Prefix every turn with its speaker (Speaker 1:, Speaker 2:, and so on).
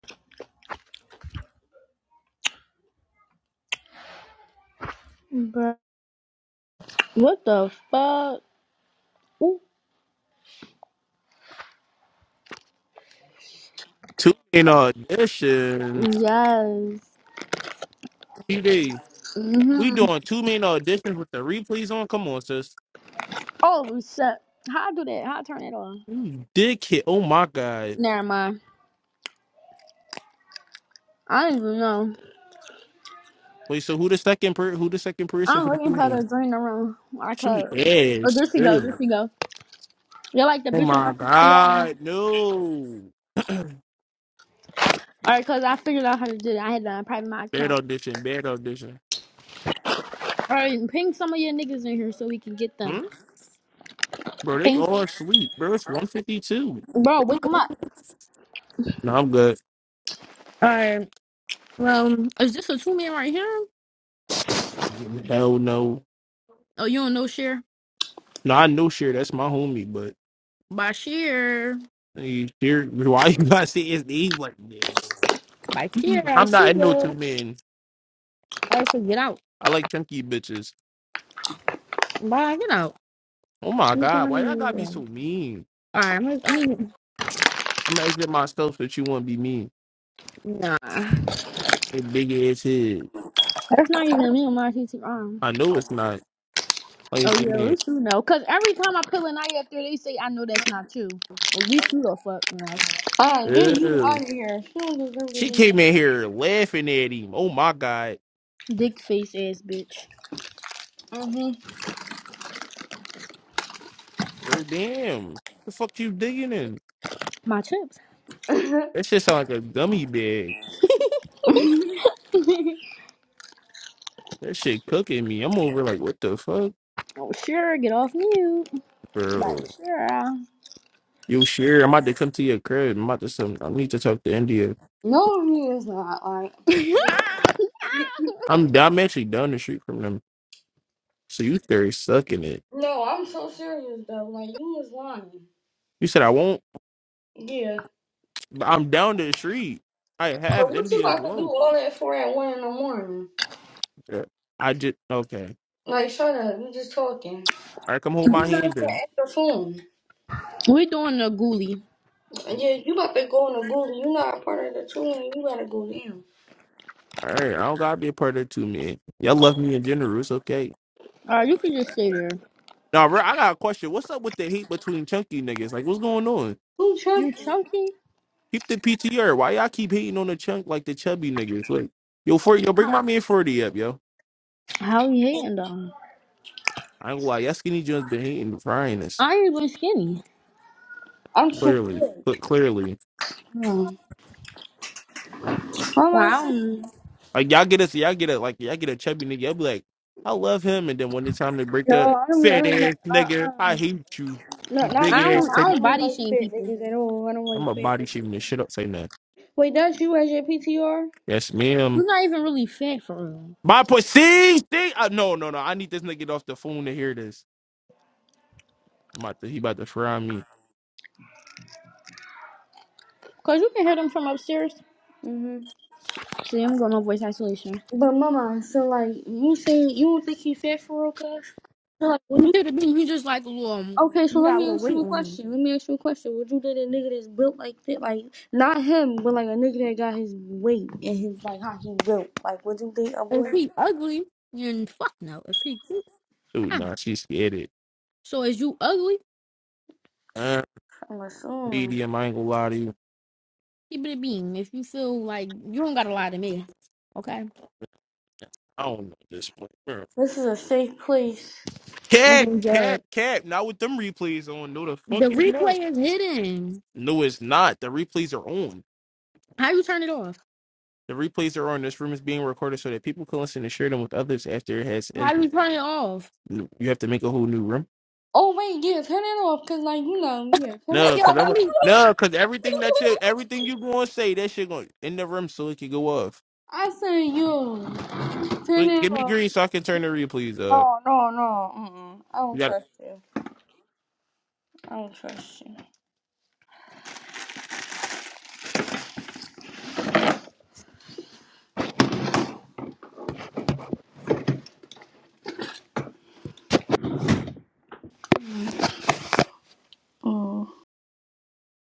Speaker 1: Bruh. What the fuck? Ooh,
Speaker 2: Two main auditions.
Speaker 1: yes.
Speaker 2: PD. We
Speaker 1: hmm
Speaker 2: doing two main auditions with the replays on. Come on, sis.
Speaker 1: Oh shit! How I do that? How I turn it on?
Speaker 2: You Dickhead. Oh my god.
Speaker 1: Never mind. I don't even know.
Speaker 2: Wait, so who the second per who the second person for
Speaker 1: I'm
Speaker 2: the two
Speaker 1: waiting for
Speaker 2: main?
Speaker 1: the drain around. I
Speaker 2: She
Speaker 1: could. Oh,
Speaker 2: is.
Speaker 1: there she go. There
Speaker 2: Ew.
Speaker 1: she go. You're like the
Speaker 2: Oh
Speaker 1: bitch
Speaker 2: my
Speaker 1: on see All
Speaker 2: god. No.
Speaker 1: right, cause I figured out how to do it. I had to private my
Speaker 2: Bad
Speaker 1: account.
Speaker 2: audition. Bad audition.
Speaker 1: All right, ping some of your niggas in here so we can get them.
Speaker 2: Hmm? Bro, they
Speaker 1: Ping,
Speaker 2: all asleep. Bro, it's 152.
Speaker 1: bro, wake them up.
Speaker 2: No, I'm good.
Speaker 1: All right. Well, is this a two man right here?
Speaker 2: Hell no.
Speaker 1: Oh, you don't know share.
Speaker 2: No, I know sure that's my homie, but
Speaker 1: By share.
Speaker 2: hey, Sher, why you gotta say his name like that?
Speaker 1: By share, I
Speaker 2: I'm not
Speaker 1: see
Speaker 2: in no two
Speaker 1: you.
Speaker 2: men.
Speaker 1: All right, so get out.
Speaker 2: I like chunky bitches.
Speaker 1: Bye, get out.
Speaker 2: Oh my
Speaker 1: He's
Speaker 2: god, why y'all gotta
Speaker 1: going.
Speaker 2: be so mean?
Speaker 1: All right, I'm gonna, I mean,
Speaker 2: I'm gonna exit myself so that you wanna be mean.
Speaker 1: nah, that's
Speaker 2: With big ass head.
Speaker 1: not even me on my TT. Um,
Speaker 2: I know it's not. Plain
Speaker 1: oh yeah,
Speaker 2: skin.
Speaker 1: it's you know, cause every time I pull an eye up there, they say I know that's not you. Well, at least you shoot a fuck no,
Speaker 3: Ah, yeah, you
Speaker 2: Ew.
Speaker 3: out of here. She don't deserve to
Speaker 2: She
Speaker 3: be.
Speaker 2: came in here laughing at him. Oh my god.
Speaker 1: dick face ass bitch.
Speaker 3: Mm-hmm.
Speaker 2: Girl, damn. The fuck you digging in?
Speaker 1: My chips.
Speaker 2: That shit sound like a gummy bag. That shit cooking me. I'm over like, what the fuck,
Speaker 1: oh sure, get off mute. Bye,
Speaker 2: bro?
Speaker 1: sure.
Speaker 2: Yo, sure. I'm about to come to your crib. I'm about to. Some, I need to talk to India.
Speaker 3: no, me is not. Like,
Speaker 2: I'm. I'm actually down the street from them. So you there sucking it.
Speaker 3: no, I'm so serious though. Like, you was lying.
Speaker 2: You said I won't.
Speaker 3: Yeah,
Speaker 2: I'm down the street. I
Speaker 3: but
Speaker 2: have
Speaker 3: what you
Speaker 2: India as
Speaker 3: about to do
Speaker 2: well.
Speaker 3: all that for at one in the morning?
Speaker 2: Yeah. I just okay.
Speaker 3: Like, shut up. You just talking.
Speaker 2: All right, come hold
Speaker 3: And
Speaker 2: my
Speaker 3: you not even
Speaker 2: hand then.
Speaker 3: at the phone.
Speaker 1: We're doing a ghoulie.
Speaker 3: Yeah, you about to go in the Google. You not a part of the two, and you gotta go down.
Speaker 2: All right, I don't gotta be a part of it too, man. Y'all love me in general. It's okay.
Speaker 1: All right, you can just stay there.
Speaker 2: Now, bro, I got a question. What's up with the hate between chunky niggas? Like, what's going on?
Speaker 3: Who
Speaker 1: You
Speaker 3: tricked you?
Speaker 1: chunky?
Speaker 2: Keep the PTR. Why y'all keep hating on the chunk like the chubby niggas? Like, yo, for yo, bring my man forty up, yo.
Speaker 1: How you hating though?
Speaker 2: I ain't gonna lie. Y'all skinny just been hating, frying us.
Speaker 1: I ain't even skinny.
Speaker 3: I'm too
Speaker 2: Clearly,
Speaker 3: good.
Speaker 2: Cle- clearly.
Speaker 3: No, I'm asking.
Speaker 1: Wow.
Speaker 2: Like y'all get us, y'all get a like y'all get a chubby nigga. Y'all be like, I love him, and then when it's time to break
Speaker 3: No,
Speaker 2: up,
Speaker 3: I don't. I
Speaker 2: fat
Speaker 3: don't like.
Speaker 2: ass
Speaker 3: Uh,
Speaker 2: nigga,
Speaker 3: uh
Speaker 2: I hate you,
Speaker 3: No,
Speaker 2: you
Speaker 3: not
Speaker 2: big
Speaker 1: I
Speaker 3: me,
Speaker 2: ass
Speaker 1: don't I
Speaker 3: mama.
Speaker 2: teddy.
Speaker 3: I
Speaker 1: don't
Speaker 3: don't
Speaker 1: body
Speaker 3: like
Speaker 1: shame
Speaker 3: fat
Speaker 1: people.
Speaker 3: niggas at all. I don't like
Speaker 2: I'm a
Speaker 3: fat
Speaker 2: body
Speaker 3: niggas.
Speaker 2: shaming this shit up. Say nothing.
Speaker 3: Wait, that's you as your PTR?
Speaker 2: Yes, ma'am.
Speaker 1: You're not even really fat for real.
Speaker 2: My pussy thing. Uh, no, no, no. I need this nigga off the phone to hear this. I'm about to, he about to fry me.
Speaker 1: Cause you can hear them from upstairs.
Speaker 3: hmm
Speaker 1: See, I'm going on voice isolation.
Speaker 3: But mama, so like you saying you don't think he fat for real, cuz? So like, would
Speaker 1: You
Speaker 3: you?
Speaker 1: hear the beam, he just like a little um,
Speaker 3: Okay, so
Speaker 1: he
Speaker 3: let
Speaker 1: got a
Speaker 3: me
Speaker 1: little
Speaker 3: ask
Speaker 1: weight
Speaker 3: you a
Speaker 1: on him.
Speaker 3: question. Let me ask you a question. Would you date a nigga that's built like that? Like not him, but like a nigga that got his weight and his like how he built. Like, would you date a
Speaker 1: If
Speaker 3: boy?
Speaker 1: he ugly, then fuck no. If he
Speaker 2: Dude,
Speaker 1: nah.
Speaker 2: nah, she's scared it.
Speaker 1: So is you ugly,
Speaker 2: Uh,
Speaker 3: I'm assuming
Speaker 2: medium. I ain't gonna lie to you.
Speaker 1: keep it a beam. If you feel like you don't gotta lie to me. Okay?
Speaker 2: I don't know this one. Girl.
Speaker 3: this is a safe place.
Speaker 1: We
Speaker 2: Cap,
Speaker 1: don't
Speaker 2: cap,
Speaker 1: judge.
Speaker 2: cap. Not with them replays on. No, the fuck
Speaker 1: The
Speaker 2: is not.
Speaker 1: replay is hidden.
Speaker 2: No, it's not. The replays are on.
Speaker 1: How you turn it off?
Speaker 2: The replays are on. This room is being recorded so that people can listen and share them with others after it has
Speaker 1: How
Speaker 2: ended.
Speaker 1: you turn it off?
Speaker 2: You have to make a whole new room.
Speaker 3: Oh wait, yeah, turn it off, cause like you know, yeah, turn it.
Speaker 2: No,
Speaker 1: Yo,
Speaker 2: cause I'm
Speaker 1: let
Speaker 2: a,
Speaker 1: me
Speaker 2: no, cause everything that you everything you gonna say that shit going in the room so it can go off.
Speaker 3: I say you.
Speaker 2: So
Speaker 3: Turn it
Speaker 2: give me
Speaker 3: off.
Speaker 2: green so I can turn the replays up.
Speaker 3: No, no, no. Mm-mm. I
Speaker 2: You
Speaker 3: don't
Speaker 2: gotta
Speaker 3: trust you. I don't trust you.